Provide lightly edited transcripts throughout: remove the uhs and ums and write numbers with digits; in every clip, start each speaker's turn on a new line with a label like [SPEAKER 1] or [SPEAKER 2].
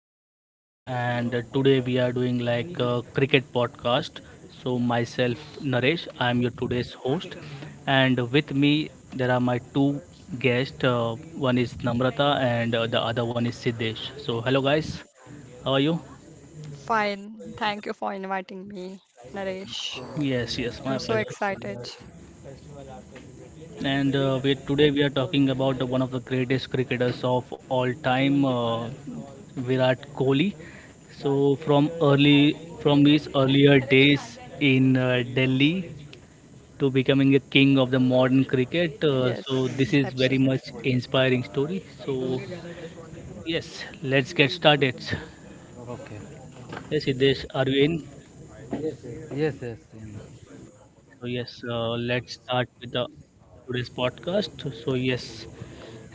[SPEAKER 1] podcast, and today we are doing like a cricket podcast. So myself Naresh, I am your today's host, and with me there are my two guests. One is Namrata and the other one is Siddesh. So hello guys, how are you?
[SPEAKER 2] Fine. Thank you for inviting me, Naresh.
[SPEAKER 1] Yes, yes, my
[SPEAKER 2] I'm so
[SPEAKER 1] pleasure.
[SPEAKER 2] excited.
[SPEAKER 1] Today we are talking about one of the greatest cricketers of all time, Virat Kohli. So from his earlier days in Delhi to becoming a king of the modern cricket, so this
[SPEAKER 2] Yes,
[SPEAKER 1] is very much
[SPEAKER 2] absolutely.
[SPEAKER 1] inspiring story. So yes, let's get started.
[SPEAKER 3] Okay.
[SPEAKER 1] Yes, Siddesh, are you in?
[SPEAKER 3] Yes, yes.
[SPEAKER 1] So yes, let's start with the today's podcast. So yes,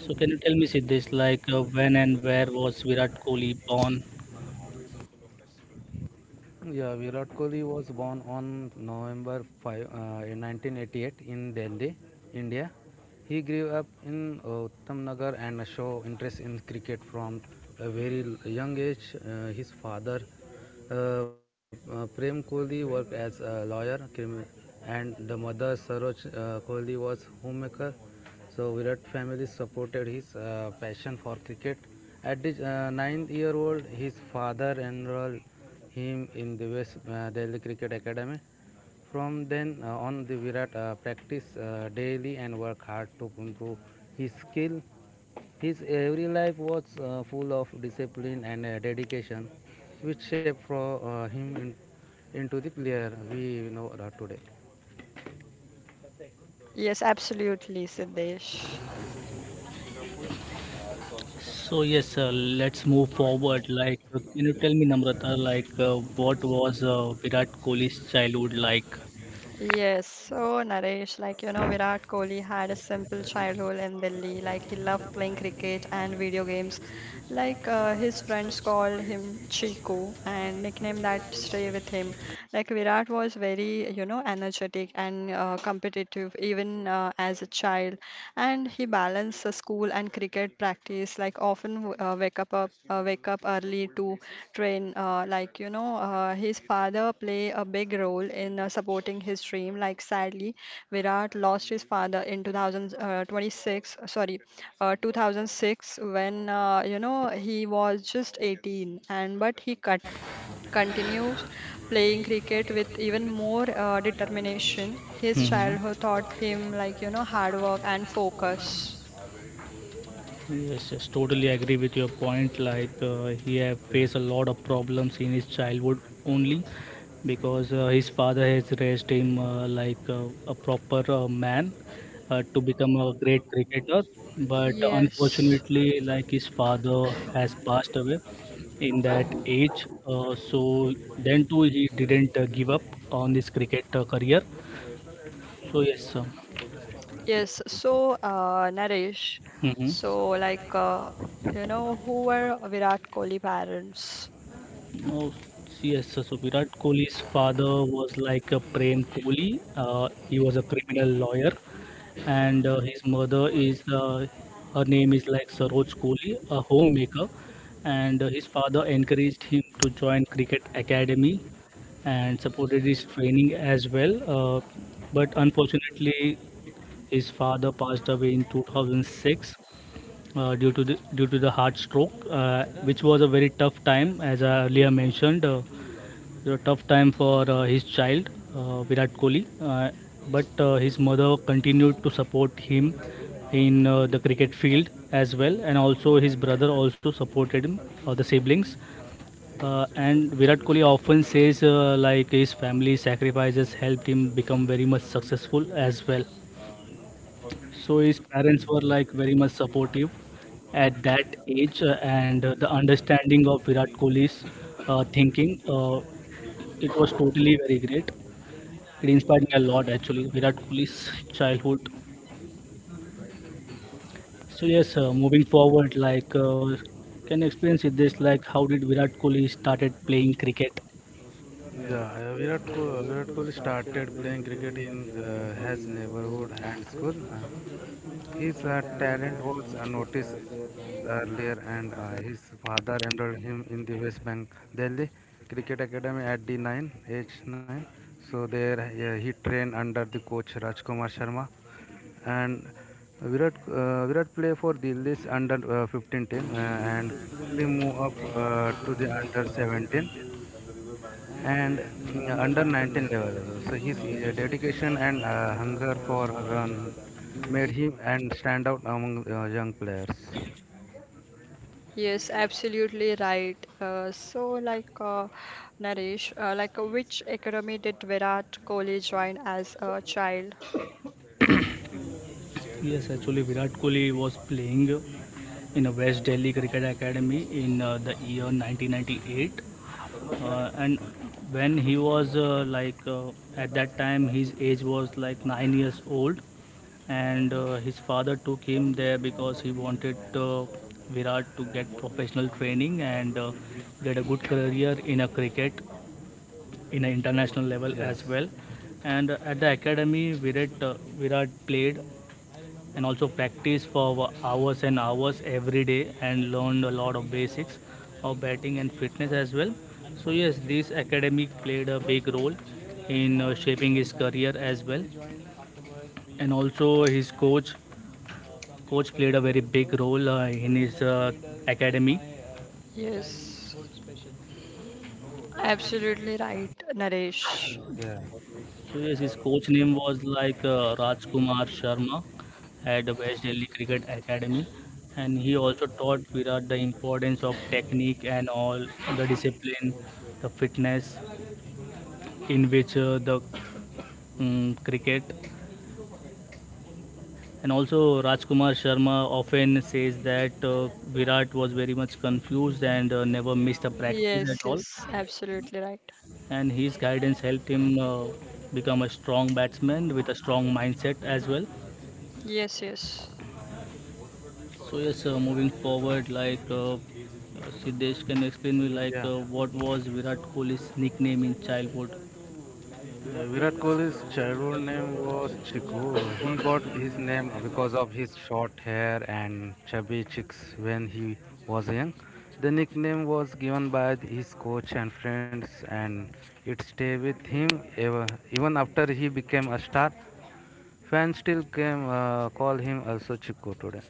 [SPEAKER 1] So can you tell me, Siddesh, like when and where was Virat Kohli born?
[SPEAKER 3] Yeah, Virat Kohli was born on November 5th, 1988 in Delhi, India. He grew up in Uttamnagar and showed interest in cricket from a very young age. His father, uh, Prem Kohli, worked as a lawyer, and the mother, Saroj Kohli, was homemaker. So Virat family supported his passion for cricket. At the ninth year old, his father enrolled him in the West Delhi Cricket Academy. From then on, the Virat practiced daily and worked hard to improve his skill. His every life was full of discipline and dedication, which shaped for him into the player we know today.
[SPEAKER 2] Yes, absolutely, Siddesh.
[SPEAKER 1] So yes, let's move forward. Can you tell me, Namrata, like what was Virat Kohli's childhood like?
[SPEAKER 2] Yes, so Naresh, Virat Kohli had a simple childhood in Delhi. He loved playing cricket and video games. His friends called him Chiku and nickname that stay with him. Virat was very, energetic and competitive even as a child. And he balanced the school and cricket practice often wake up, up wake up early to train, his father play a big role in supporting his dream. Sadly Virat lost his father in 2026 sorry uh, 2006 when, he was just 18, and but he cut continues playing cricket with even more determination. His
[SPEAKER 1] hmm
[SPEAKER 2] childhood taught him, hard work and focus.
[SPEAKER 1] Yes, yes, totally agree with your point. Like
[SPEAKER 3] Yeah,
[SPEAKER 1] he have faced a lot of problems in his childhood only because his father has raised him a proper man to become a great cricketer. But
[SPEAKER 2] Yes,
[SPEAKER 1] unfortunately, like his father has passed away in that age. So then too, he didn't give up on his cricket career. So yes.
[SPEAKER 2] Naresh,
[SPEAKER 1] Mhm.
[SPEAKER 2] so like, uh, who were Virat Kohli parents?
[SPEAKER 1] Oh, yes. So Virat Kohli's father was like a Prem Kohli. He was a criminal lawyer, and his mother is her name is like Saroj Kohli, a homemaker. And his father encouraged him to join cricket academy and supported his training as well. But unfortunately, his father passed away in 2006 due to the heart stroke, which was a very tough time, as I earlier mentioned. It was a tough time for his child, Virat Kohli, but his mother continued to support him in the cricket field as well, and also his brother also supported him, the siblings. And Virat Kohli often says like his family sacrifices helped him become very much successful as well. So his parents were like very much supportive at that age, and the understanding of Virat Kohli's thinking, it was totally very great. It inspired me a lot actually, Virat Kohli's childhood. So yes, moving forward, like can you explain it this, like how did Virat Kohli started playing cricket?
[SPEAKER 3] yeah. Virat Kohli started playing cricket in his neighborhood and school. His talent was noticed earlier, and his father enrolled him in the West Bank Delhi Cricket Academy at the 9 age 9. So there he trained under the coach Rajkumar Sharma, and Virat play for Delhi's under 15 team and quickly move up to the under 17 and under 19 level also. So his dedication and hunger for run made him and stand out among young players.
[SPEAKER 2] Yes, absolutely right. Naresh, which academy did Virat Kohli join as a child?
[SPEAKER 1] Yes, actually Virat Kohli was playing in a West Delhi Cricket Academy in the year 1998,
[SPEAKER 3] Bravo.
[SPEAKER 1] and when he was at that time his age was like 9 years old, and his father took him there because he wanted Virat to get professional training and get a good career in a cricket in an international
[SPEAKER 3] Yes.
[SPEAKER 1] level as well. And at the academy, Virat played and also practice for hours and hours every day and learned a lot of basics of batting and fitness as well. So yes, this academy played a big role in shaping his career as well, and also his coach. Coach played a very big role in his academy.
[SPEAKER 2] Yes, absolutely right, Naresh.
[SPEAKER 3] Yeah.
[SPEAKER 1] So yes, his coach name was like Rajkumar Sharma at West Delhi Cricket Academy, and he also taught Virat the importance of technique and all the discipline, the fitness in which the cricket. And also Rajkumar Sharma often says that Virat was very much confused and never missed a practice at
[SPEAKER 2] Yes,
[SPEAKER 1] all.
[SPEAKER 2] yes, absolutely right.
[SPEAKER 1] And his guidance helped him become a strong batsman with a strong mindset as well.
[SPEAKER 2] Yes, yes,
[SPEAKER 1] So yes, moving forward, like Siddesh, can you explain me like
[SPEAKER 3] Yeah.
[SPEAKER 1] what was Virat Kohli's nickname in childhood?
[SPEAKER 3] Yeah, Virat Kohli's childhood name was Chiku. He got his name because of his short hair and chubby cheeks when he was young. The nickname was given by his coach and friends, and it stayed with him ever, even after he became a star. Fans still came call him also Chiku today.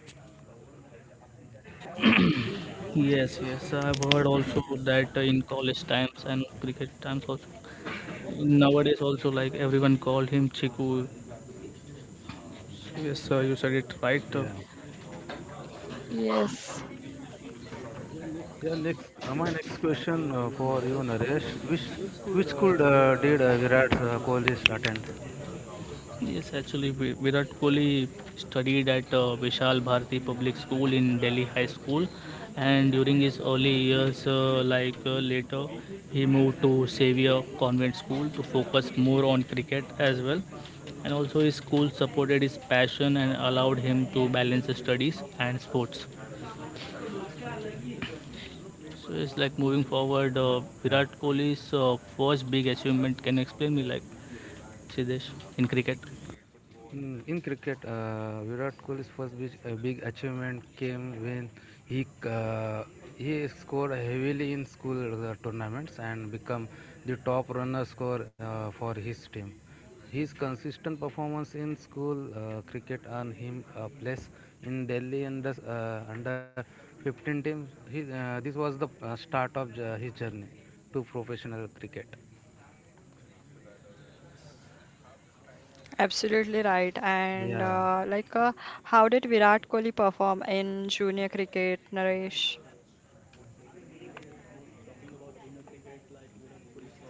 [SPEAKER 1] Yes, yes, I've heard also that in college times and cricket times also. Nowadays also like everyone called him Chiku. So yes, you said it right.
[SPEAKER 3] Yeah.
[SPEAKER 2] yes,
[SPEAKER 3] Yeah. My next question for you, Naresh. Which school did Virat Kohli attend?
[SPEAKER 1] Yes, actually, Virat Kohli studied at Vishal Bharati Public School in Delhi High School, and during his early years, later, he moved to Xavier Convent School to focus more on cricket as well. And also, his school supported his passion and allowed him to balance his studies and sports. So it's like moving forward, Virat Kohli's first big achievement. Can you explain me, like Siddesh, in cricket?
[SPEAKER 3] In cricket, Virat Kohli's first big achievement came when he uh, he scored heavily in school tournaments and become the top runner scorer for his team. His consistent performance in school cricket earned him a place in Delhi under 15 teams. This was the start of his journey to professional cricket.
[SPEAKER 2] absolutely right.
[SPEAKER 3] Yeah.
[SPEAKER 2] How did Virat Kohli perform in junior cricket, Naresh?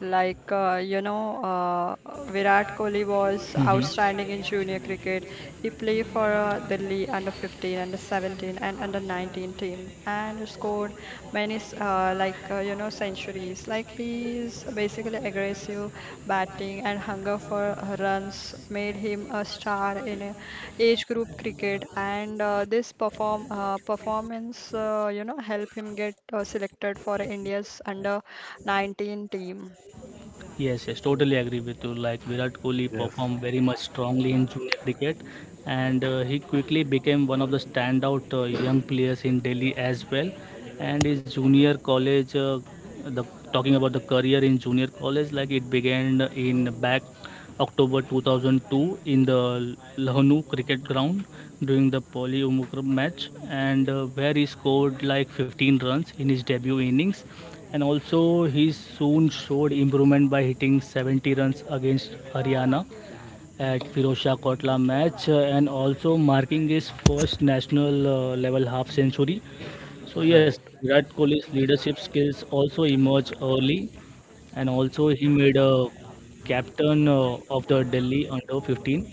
[SPEAKER 2] Like, uh, you know, uh, Virat Kohli was outstanding in junior cricket. He played for Delhi under 15, under 17, and under 19 team and scored many, s- like, you know, centuries. He is basically aggressive batting and hunger for runs made him a star in age group cricket. And this perform performance, helped him get selected for India's under 19 team.
[SPEAKER 1] Yes, yes, totally agree with you. Like Virat Kohli
[SPEAKER 3] Yes.
[SPEAKER 1] performed very much strongly in junior cricket, and he quickly became one of the standout young players in Delhi as well. And his junior college, the talking about the career in junior college, like it began in back October 2002 in the Lahnu cricket ground during the Poly Umukram match, and where he scored like 15 runs in his debut innings. And also, he soon showed improvement by hitting 70 runs against Haryana at Firoz Shah Kotla match, and also marking his first national level half century. So yes,
[SPEAKER 3] Right.
[SPEAKER 1] Virat Kohli's leadership skills also emerged early, and also he made a captain of the Delhi under 15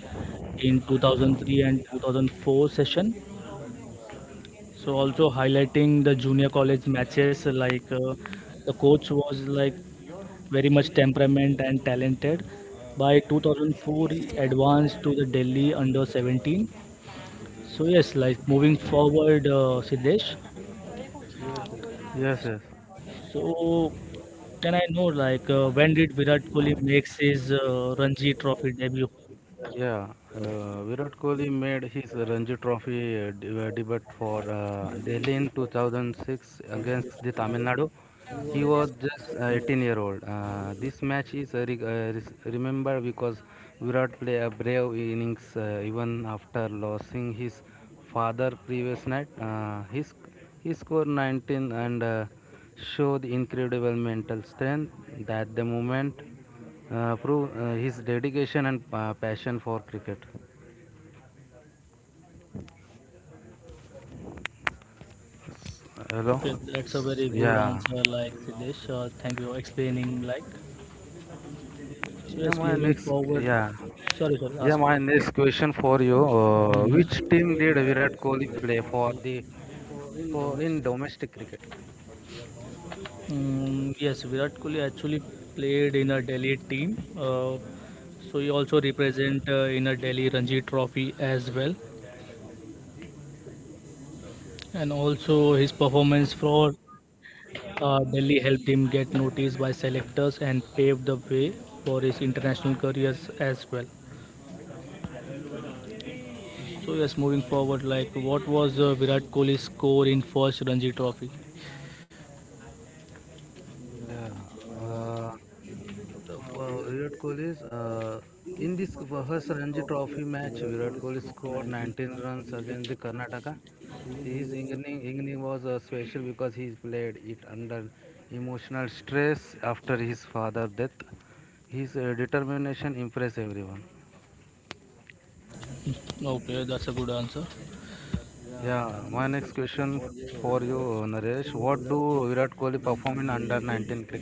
[SPEAKER 1] in 2003 and 2004 session, so also highlighting the junior college matches, like the coach was like very much temperament and talented. By 2004, he advanced to the Delhi under 17. So yes, like moving forward, Siddesh.
[SPEAKER 3] Yes. Yes.
[SPEAKER 1] So can I know like when did Virat Kohli makes his Ranji Trophy debut?
[SPEAKER 3] Yeah, Virat Kohli made his Ranji Trophy debut for Delhi in 2006 against the Tamil Nadu. He was just 18-year-old. This match is remembered because Virat played a brave innings even after losing his father previous night. His He scored 19 and showed incredible mental strength at the moment. Prove his dedication and passion for cricket. Hello.
[SPEAKER 1] Okay, that's a very good
[SPEAKER 3] Yeah.
[SPEAKER 1] answer, like Siddesh. Thank you for explaining. Like so,
[SPEAKER 3] Yeah.
[SPEAKER 1] yes,
[SPEAKER 3] My
[SPEAKER 1] moving
[SPEAKER 3] next.
[SPEAKER 1] forward.
[SPEAKER 3] Yeah.
[SPEAKER 1] Sorry, sorry,
[SPEAKER 3] Yeah.
[SPEAKER 1] ask.
[SPEAKER 3] My next question for you:
[SPEAKER 1] Mhm.
[SPEAKER 3] Which team did Virat Kohli play for in domestic cricket?
[SPEAKER 1] Yes, Virat Kohli actually played in a Delhi team. So he also represent in a Delhi Ranji Trophy as well. And also his performance for Delhi helped him get noticed by selectors and paved the way for his international careers as well. So yes, moving forward, like what was Virat Kohli's score in first Ranji Trophy?
[SPEAKER 3] Yeah, uh, the, Virat Kohli's in this first Ranji Trophy match, Virat Kohli scored 19 runs against the Karnataka. His inning was special because he played it under emotional stress after his father's death. His determination impressed everyone.
[SPEAKER 1] Okay, that's a good answer.
[SPEAKER 3] Yeah, my next question for you, Naresh. What do Virat Kohli perform in under 19 cricket?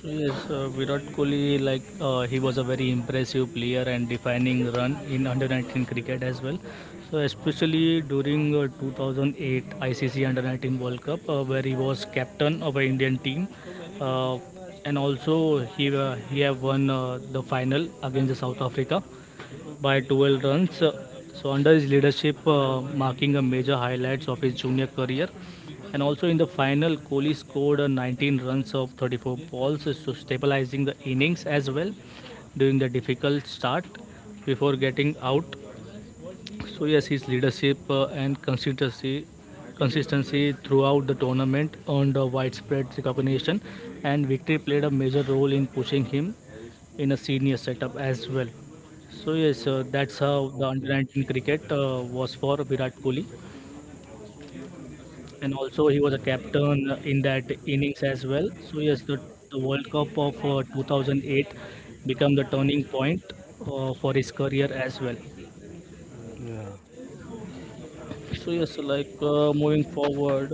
[SPEAKER 1] So yes, Virat Kohli, like he was a very impressive player and defining run in under 19 cricket as well. So especially during 2008 ICC under 19 World Cup, where he was captain of an Indian team, uh, and also he have won the final against South Africa by 12 runs. So under his leadership, marking a major highlights of his junior career, and also in the final, Kohli scored 19 runs of 34 balls, so stabilizing the innings as well during the difficult start before getting out. So yes, his leadership and consistency throughout the tournament earned a widespread recognition and victory played a major role in pushing him in a senior setup as well. So yes, that's how the under
[SPEAKER 3] Okay.
[SPEAKER 1] 19 cricket was for Virat Kohli, and also he was a
[SPEAKER 3] Yeah.
[SPEAKER 1] captain in that innings as well. So yes, the World Cup of 2008 became the turning point for his career as well.
[SPEAKER 3] Yeah.
[SPEAKER 1] So yes, like moving forward,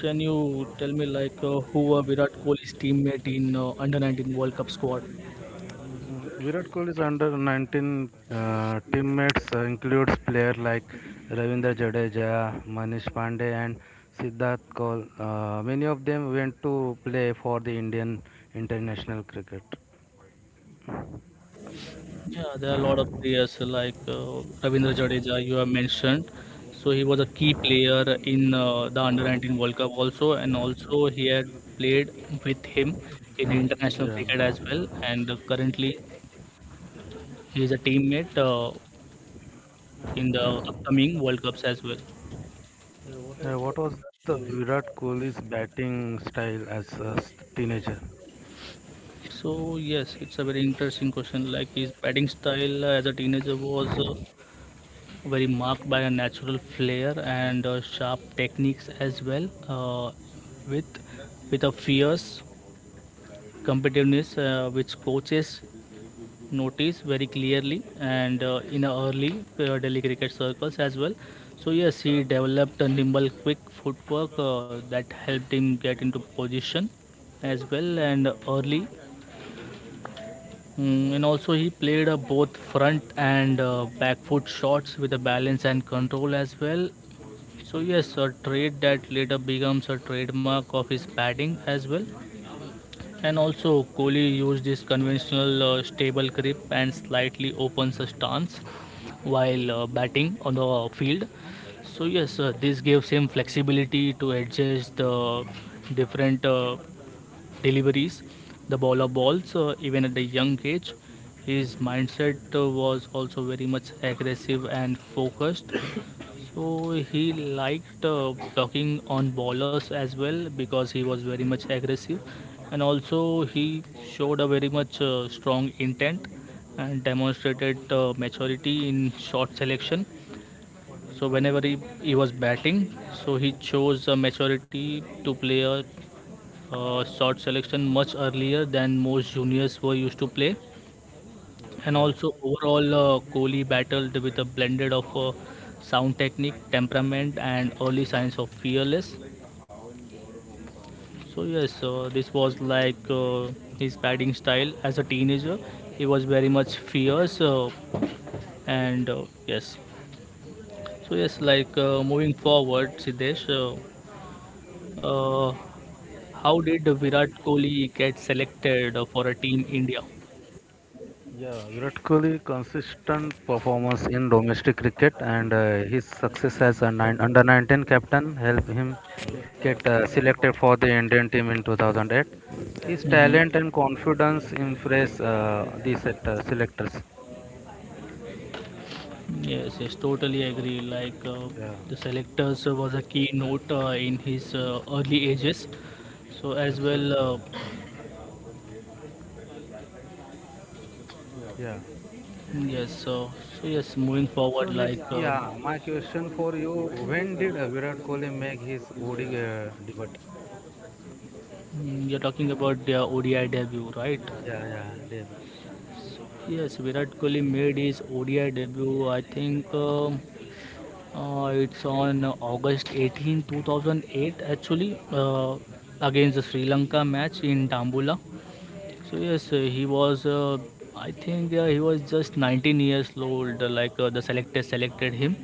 [SPEAKER 1] can you tell me like who were Virat Kohli's teammate in under 19 World Cup squad?
[SPEAKER 3] Virat Kohli's under 19 teammates includes players like Ravindra Jadeja, Manish Pandey, and Siddharth Kohl. Many of them went to play for the Indian international cricket.
[SPEAKER 1] Yeah, there are a lot of players like Ravindra Jadeja, you have mentioned. So he was a key player in the Under 19 World Cup also, and also he had played with him in international
[SPEAKER 3] Yeah.
[SPEAKER 1] cricket as well. And currently he is a teammate in the upcoming World Cups as well.
[SPEAKER 3] What was the Virat Kohli's batting style as a teenager?
[SPEAKER 1] So yes, it's a very interesting question. Like his batting style as a teenager was very marked by a natural flair and sharp techniques as well, with a fierce competitiveness which coaches notice very clearly and in a early Delhi cricket circles as well. So yes, he developed a nimble, quick footwork that helped him get into position as well and early. And also he played both front and back foot shots with a balance and control as well. So yes, a trait that later becomes a trademark of his batting as well. And also, Kohli used his conventional stable grip and slightly opens a stance while batting on the field. So yes, this gives him flexibility to adjust the different deliveries, the ball of balls, even at the young age. His mindset was also very much aggressive and focused. So he liked blocking on ballers as well because he was very much aggressive, and also he showed a very much strong intent and demonstrated maturity in shot selection. So he was batting, so he chose maturity to play a shot selection much earlier than most juniors were used to play. And
[SPEAKER 3] Yes.
[SPEAKER 1] also, overall, Kohli battled with a blended of sound technique, temperament, and early signs of fearless. This was like his batting style as a teenager. He was very much fierce, and yes.
[SPEAKER 3] Okay.
[SPEAKER 1] Moving forward, Siddesh, uh, how did Virat Kohli get selected for a team India?
[SPEAKER 3] Yeah, Virat Kohli consistent performance in domestic cricket and his success as under 19 captain helped him get selected for the Indian team in 2008. His
[SPEAKER 1] Mhm.
[SPEAKER 3] talent and confidence impress the selectors.
[SPEAKER 1] Yes, yes, totally agree.
[SPEAKER 3] Yeah,
[SPEAKER 1] The selectors was a keynote in his early ages. So as well,
[SPEAKER 3] absolutely. Yeah.
[SPEAKER 1] yes. Moving forward,
[SPEAKER 3] So next, yeah, my question for you: when did Virat Kohli make his OD debut?
[SPEAKER 1] you're talking about their ODI debut, right?
[SPEAKER 3] Yeah, yeah, debut.
[SPEAKER 1] Yes, Virat Kohli made his ODI debut. I think it's on August 18, 2008, actually, against the Sri Lanka match in Tambula. So yes, he was. I think he was just 19 years old. The selector selected him.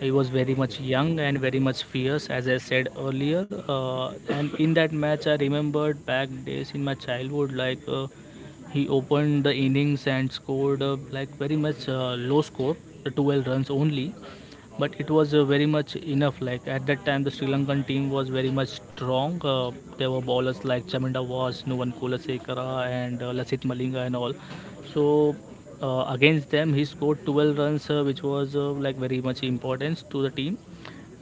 [SPEAKER 1] He was very much
[SPEAKER 3] Okay.
[SPEAKER 1] young and very much fierce, as I said earlier. Uh, and in that match, I remembered back days in my childhood. He opened the innings and scored like very much low score, the 12 runs only, but it was very much enough. Like at that time, the Sri Lankan team was very much strong. There were bowlers like Chaminda Was, Nuvan Kulasekara, and Lasith Malinga, and all. So against them, he scored 12 runs, which was like very much importance to the team.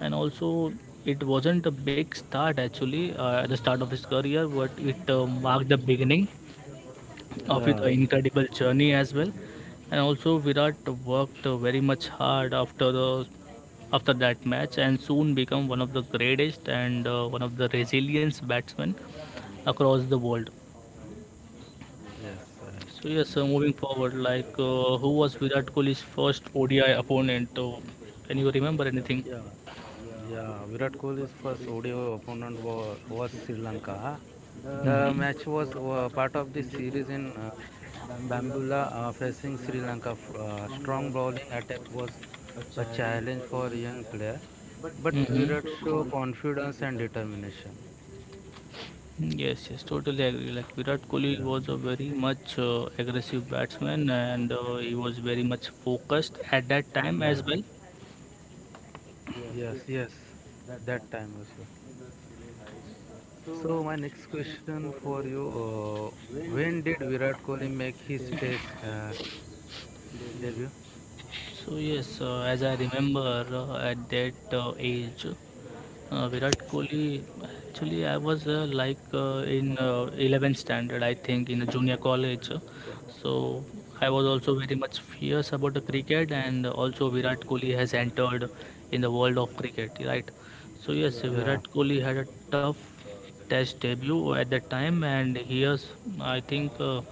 [SPEAKER 1] And also, it wasn't a big start actually at the start of his career, but it marked the beginning of
[SPEAKER 3] Yeah.
[SPEAKER 1] his incredible journey as well. And also, Virat worked very much hard after that match and soon become one of the greatest and one of the resilient batsmen across the world.
[SPEAKER 3] Yes, right.
[SPEAKER 1] So yes, moving forward, who was Virat Kohli's first ODI opponent? Can you remember anything?
[SPEAKER 3] Yeah, yeah. Virat Kohli's first ODI opponent was Sri Lanka. The
[SPEAKER 1] Mhm.
[SPEAKER 3] match was part of the series in Bambula facing Sri Lanka. Strong bowling attack was a challenge for a young player, but Virat
[SPEAKER 1] Mm-hmm.
[SPEAKER 3] showed confidence and determination.
[SPEAKER 1] Yes, yes, totally agree. Like Virat Kohli
[SPEAKER 3] Yeah,
[SPEAKER 1] was a very much aggressive batsman, and he was very much focused at that time
[SPEAKER 3] yeah,
[SPEAKER 1] as well.
[SPEAKER 3] yes, yes. That time also. So my next question for you: When did Virat Kohli make his Test debut?
[SPEAKER 1] So yes, as I remember, at that age. Virat Kohli, actually, I was like in 11th standard, I think, in a junior college.
[SPEAKER 3] Okay.
[SPEAKER 1] So I was also very much fierce about the cricket, and also Virat Kohli has entered in the world of cricket, right? So yes. Yeah.
[SPEAKER 3] Yeah.
[SPEAKER 1] Virat Kohli had a tough test debut at that time, and he has, I think, uh,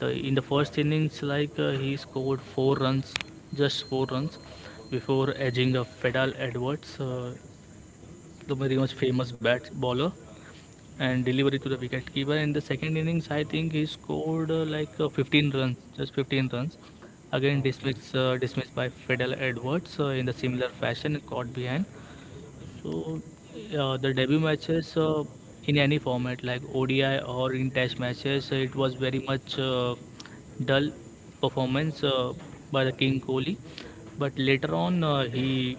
[SPEAKER 1] the, in the first innings, he scored four runs, just four runs, before edging a Fedal Edwards. The very much famous bat bowler, and delivery to the wicketkeeper. In the second innings, I think he scored 15 runs, just 15 runs. Again,
[SPEAKER 3] Okay.
[SPEAKER 1] dismissed by Fidel Edwards in the similar fashion, caught behind. So the debut matches in any format like ODI or in test matches, it was very much dull performance by the King Kohli. But later on,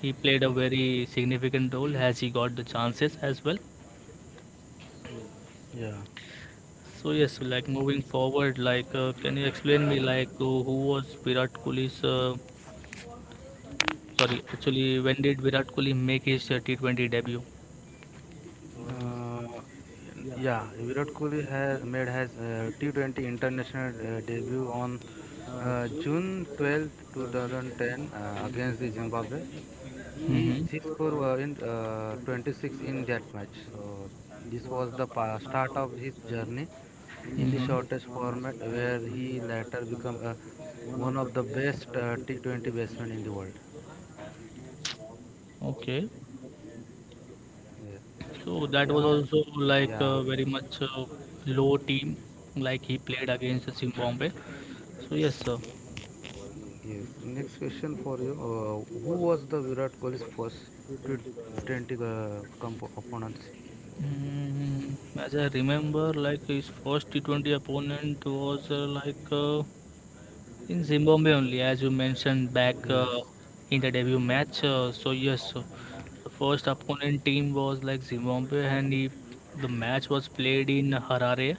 [SPEAKER 1] he played a very significant role as he got the chances as well.
[SPEAKER 3] Yeah.
[SPEAKER 1] So yes, like moving forward, can you explain me like who was Virat Kohli's? Sorry, actually, when did Virat Kohli make his T20 debut?
[SPEAKER 3] Uh, yeah. Virat Kohli has made his T20 international debut on June 12th, two 2010, against the Zimbabwe. He
[SPEAKER 1] Mm-hmm. Mm-hmm.
[SPEAKER 3] he scored in 26 in that match. So this was the start of his journey in the shortest format, where he later became one of the best T20 batsmen in the world.
[SPEAKER 1] Okay.
[SPEAKER 3] Yeah.
[SPEAKER 1] So that
[SPEAKER 3] Yeah,
[SPEAKER 1] was also like
[SPEAKER 3] yeah.
[SPEAKER 1] very much low team, like he played against Zimbabwe. So yes, sir.
[SPEAKER 3] Yes. Next question for you. Who was the Virat Kohli's first T20 opponents?
[SPEAKER 1] Mm, as I remember, like his first T20 opponent was in Zimbabwe only, as you mentioned back
[SPEAKER 3] Yes.
[SPEAKER 1] in the debut match, so yes, so the first opponent team was like Zimbabwe, and the match was played in Harare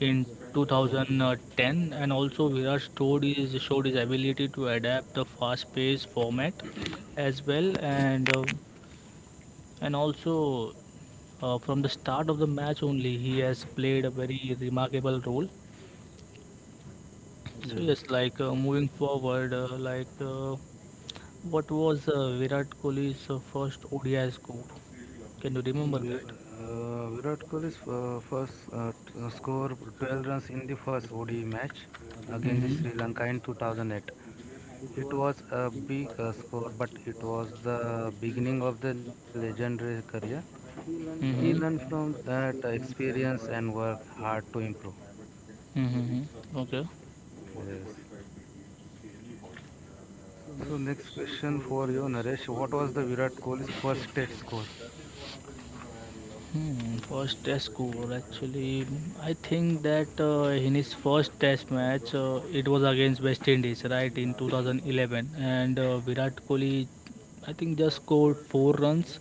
[SPEAKER 1] in
[SPEAKER 3] Yeah.
[SPEAKER 1] 2010, and also Viraj showed his ability to adapt the fast-paced format as well, and also from the start of the match only he has played a very remarkable role.
[SPEAKER 3] Yes.
[SPEAKER 1] So yes, moving forward, what was Virat Kohli's first ODI score? Can you
[SPEAKER 3] Mm,
[SPEAKER 1] remember
[SPEAKER 3] Vi-
[SPEAKER 1] that?
[SPEAKER 3] Virat Kohli's first score 12 runs in the first ODI match against the
[SPEAKER 1] Mm-hmm.
[SPEAKER 3] Sri Lanka in 2008. It was a big score, but it was the beginning of the legendary career. He learned
[SPEAKER 1] Mm-hmm.
[SPEAKER 3] from that experience and worked hard to improve.
[SPEAKER 1] Mm-hmm. Okay.
[SPEAKER 3] Yes. So next question for you, Naresh. What was the Virat Kohli's first state score?
[SPEAKER 1] Hmm, first test score actually, I think that in his first test match it was against West Indies, right, in 2011, and Virat Kohli I think just scored 4 runs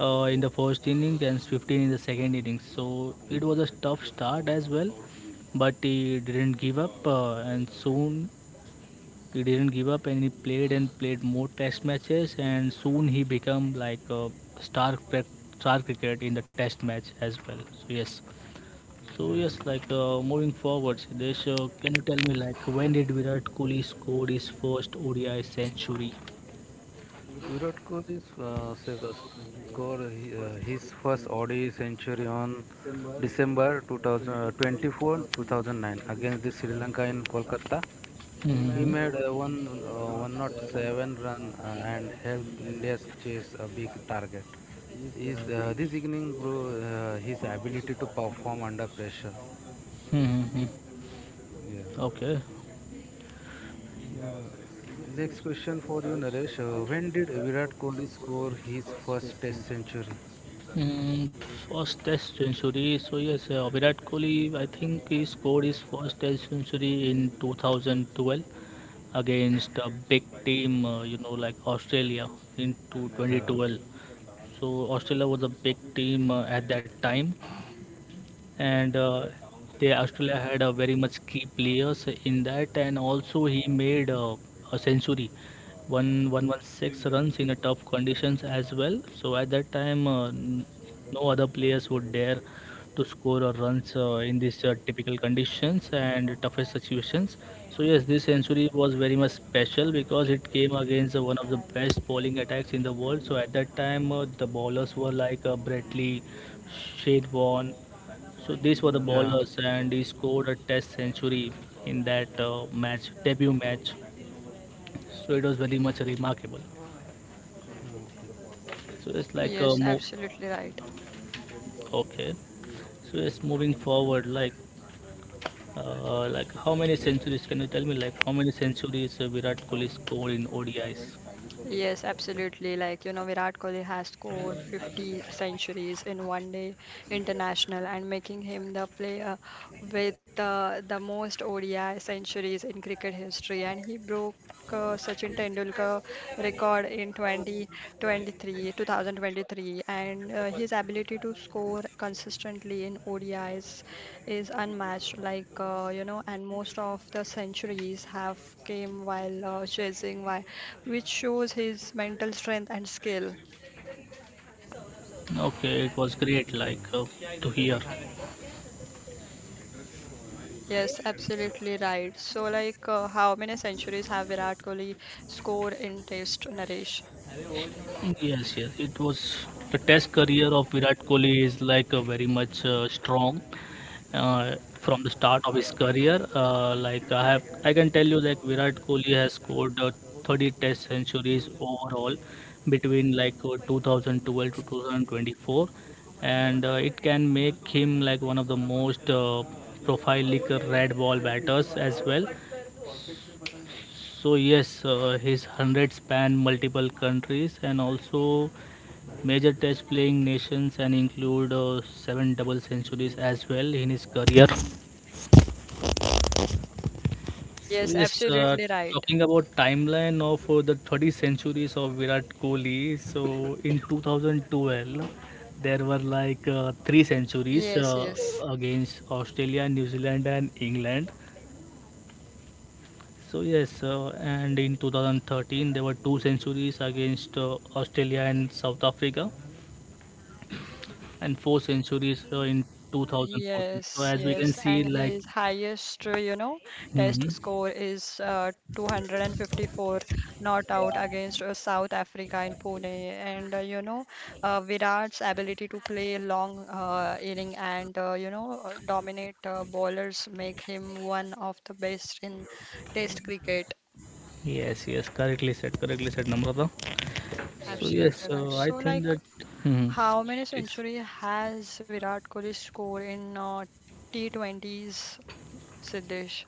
[SPEAKER 1] in the first innings and 15 in the second innings, so it was a tough start as well, but he didn't give up and soon he didn't give up and he played and played more test matches, and soon he became like a star star cricket in the test match as well. So yes. So
[SPEAKER 3] Yeah.
[SPEAKER 1] yes, like moving forward, Siddesh, can you tell me like when did Virat Kohli scored his first ODI century?
[SPEAKER 3] Virat Kohli's score his first ODI century on December 2024 2009 against the Sri Lanka in Kolkata. He
[SPEAKER 1] Hmm.
[SPEAKER 3] made a one not seven run and helped India chase a big target. Is this evening, bro, his ability to perform under pressure?
[SPEAKER 1] Hmm.
[SPEAKER 3] Yeah.
[SPEAKER 1] Okay.
[SPEAKER 3] Yes. Next question for you, Naresh. When did Virat Kohli score his first Test century?
[SPEAKER 1] Mm, first test century. So yes, Virat Kohli. I think he scored his first test century in 2012 against a big team. You know, like Australia in
[SPEAKER 3] Yeah.
[SPEAKER 1] 2012. So Australia was a big team at that time, and they Australia had a very much key players in that, and also he made a century, 1116 runs in a tough conditions as well. So at that time, no other players would dare to score or runs in these typical conditions and toughest situations. So yes, this century was very much special because it came against one of the best bowling attacks in the world. So at that time, the bowlers were like Brett Lee, Shane Warne, so these were the
[SPEAKER 3] Yeah.
[SPEAKER 1] bowlers, and he scored a Test century in that match, debut match. So it was very much remarkable.
[SPEAKER 3] Okay.
[SPEAKER 1] So it's like
[SPEAKER 2] Yes,
[SPEAKER 1] uh, mo-
[SPEAKER 2] absolutely right.
[SPEAKER 1] okay. So it's moving forward. Like how many centuries? Can you tell me? Like how many centuries Virat Kohli scored in ODIs?
[SPEAKER 2] Yes, absolutely. Virat Kohli has scored 50 centuries in ODI international and making him the player with the most ODI centuries in cricket history. And he broke Sachin Tendulkar record in 2023. And his ability to score consistently in ODIs is unmatched. And most of the centuries have came while chasing, while which shows his mental strength and skill.
[SPEAKER 1] Okay, it was great.
[SPEAKER 3] Okay.
[SPEAKER 1] To hear.
[SPEAKER 2] Yes, absolutely right. How many centuries have Virat Kohli scored in Test, Naresh?
[SPEAKER 1] Yes, yes. It was the Test career of Virat Kohli is like very much strong. From the start of his career. I can tell you like Virat Kohli has scored 30 Test centuries overall between 2012 to 2024, and it can make him like one of the most prolific red ball batters as well. So yes, his hundred span multiple countries and also major test playing nations and include seven double centuries as well in his career. So
[SPEAKER 2] Yes,
[SPEAKER 1] yes,
[SPEAKER 2] absolutely right.
[SPEAKER 1] talking about timeline of the 30 centuries of Virat Kohli. So in 2012, there were like three centuries
[SPEAKER 2] Yes, yes.
[SPEAKER 1] against Australia, New Zealand, and England. So yes, and in 2013 there were two centuries against Australia and South Africa, and four centuries in 2014. So
[SPEAKER 2] Yes,
[SPEAKER 1] as we can
[SPEAKER 2] yes,
[SPEAKER 1] see,
[SPEAKER 2] and
[SPEAKER 1] like,
[SPEAKER 2] his highest, test
[SPEAKER 1] hmm,
[SPEAKER 2] score is 254 not out against South Africa in Pune. And Virat's ability to play long inning and dominate bowlers make him one of the best in Test cricket.
[SPEAKER 1] yes, yes, correctly said, Namrata.
[SPEAKER 2] Yes,
[SPEAKER 1] So
[SPEAKER 3] Yes.
[SPEAKER 1] yes,
[SPEAKER 2] absolutely right.
[SPEAKER 1] I think that. Hmm.
[SPEAKER 2] How many century has Virat Kohli scored in T20s, Siddesh?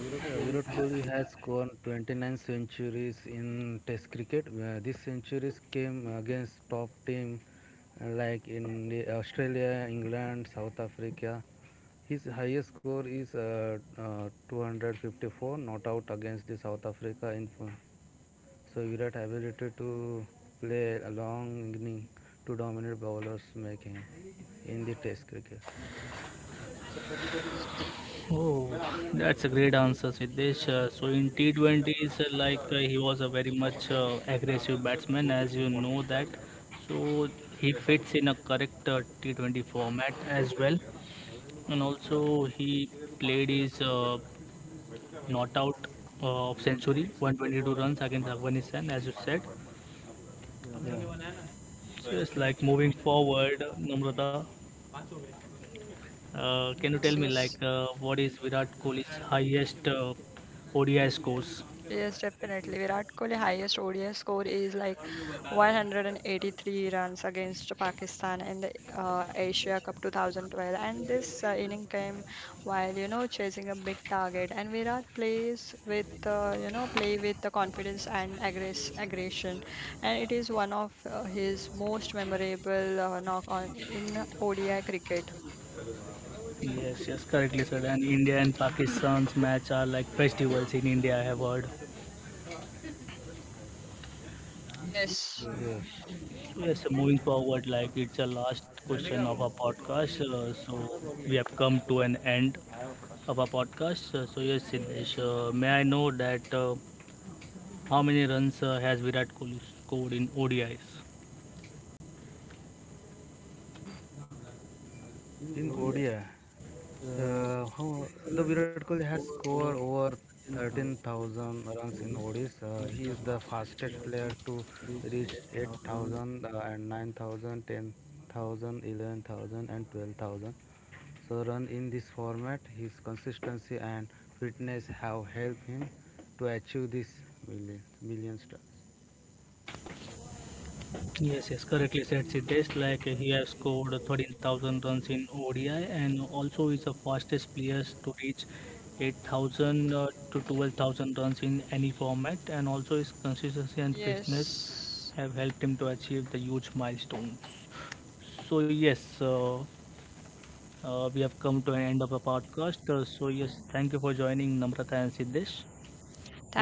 [SPEAKER 3] Yeah, Virat Kohli has scored 29 centuries in Test cricket. These centuries came against top team like in the Australia, England, South Africa. His highest score is 254 not out against the South Africa. So Virat ability to play a long inning to dominate bowlers make him in the Test cricket.
[SPEAKER 1] Oh, that's a great answer, Siddesh. So in T20s, he was a very much aggressive batsman, as you know that. So he fits in a correct T20 format as well, and also he played his not out of century, 122 runs against Afghanistan, as you said.
[SPEAKER 3] Yeah,
[SPEAKER 1] So it's like moving forward, Namrata. Can you tell
[SPEAKER 2] Yes,
[SPEAKER 1] me like
[SPEAKER 2] yes,
[SPEAKER 1] what is Virat Kohli's highest ODI scores?
[SPEAKER 2] yes, definitely. Virat Kohli highest ODI score is like 183 runs against Pakistan in the Asia Cup 2012, and this inning came while chasing a big target. And Virat plays with, play with the confidence and aggression, and it is one of his most memorable knock on in ODI cricket.
[SPEAKER 1] Yes, yes, correctly said. And India and Pakistan's match are like festivals in India. I have heard.
[SPEAKER 2] Yes,
[SPEAKER 3] yes.
[SPEAKER 1] Yes, moving forward, like it's a last question of our podcast. So we have come to an end of our podcast. So yes, Siddesh, may I know that how many runs has Virat Kohli scored in ODIs?
[SPEAKER 3] In ODI, how the Virat Kohli has scored over 13,000 runs in ODIs. He is the fastest player to reach 8,000 and 9,000, so run in this format, his consistency and fitness have helped him to achieve this million stars.
[SPEAKER 1] Yes, yes, correctly said, Siddesh. Like he has scored 13,000 runs in ODI and also is the fastest player to reach 8,000 to 12,000 runs in any format. And also his consistency and fitness
[SPEAKER 2] yes.
[SPEAKER 1] have helped him to achieve the huge milestone. So yes, we have come to an end of the podcast. So yes, thank you for joining Namrata and Siddesh.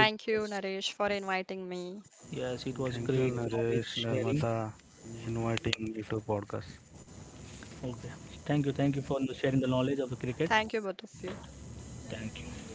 [SPEAKER 1] It
[SPEAKER 2] you,
[SPEAKER 1] was
[SPEAKER 2] Naresh, for inviting me.
[SPEAKER 1] Yes, it was
[SPEAKER 3] Thank you,
[SPEAKER 1] great
[SPEAKER 3] Naresh,
[SPEAKER 1] knowledge sharing.
[SPEAKER 3] Narmata, inviting me to podcast.
[SPEAKER 1] Okay, thank you for sharing the knowledge of the cricket.
[SPEAKER 2] Thank you, both of you.
[SPEAKER 1] Thank you.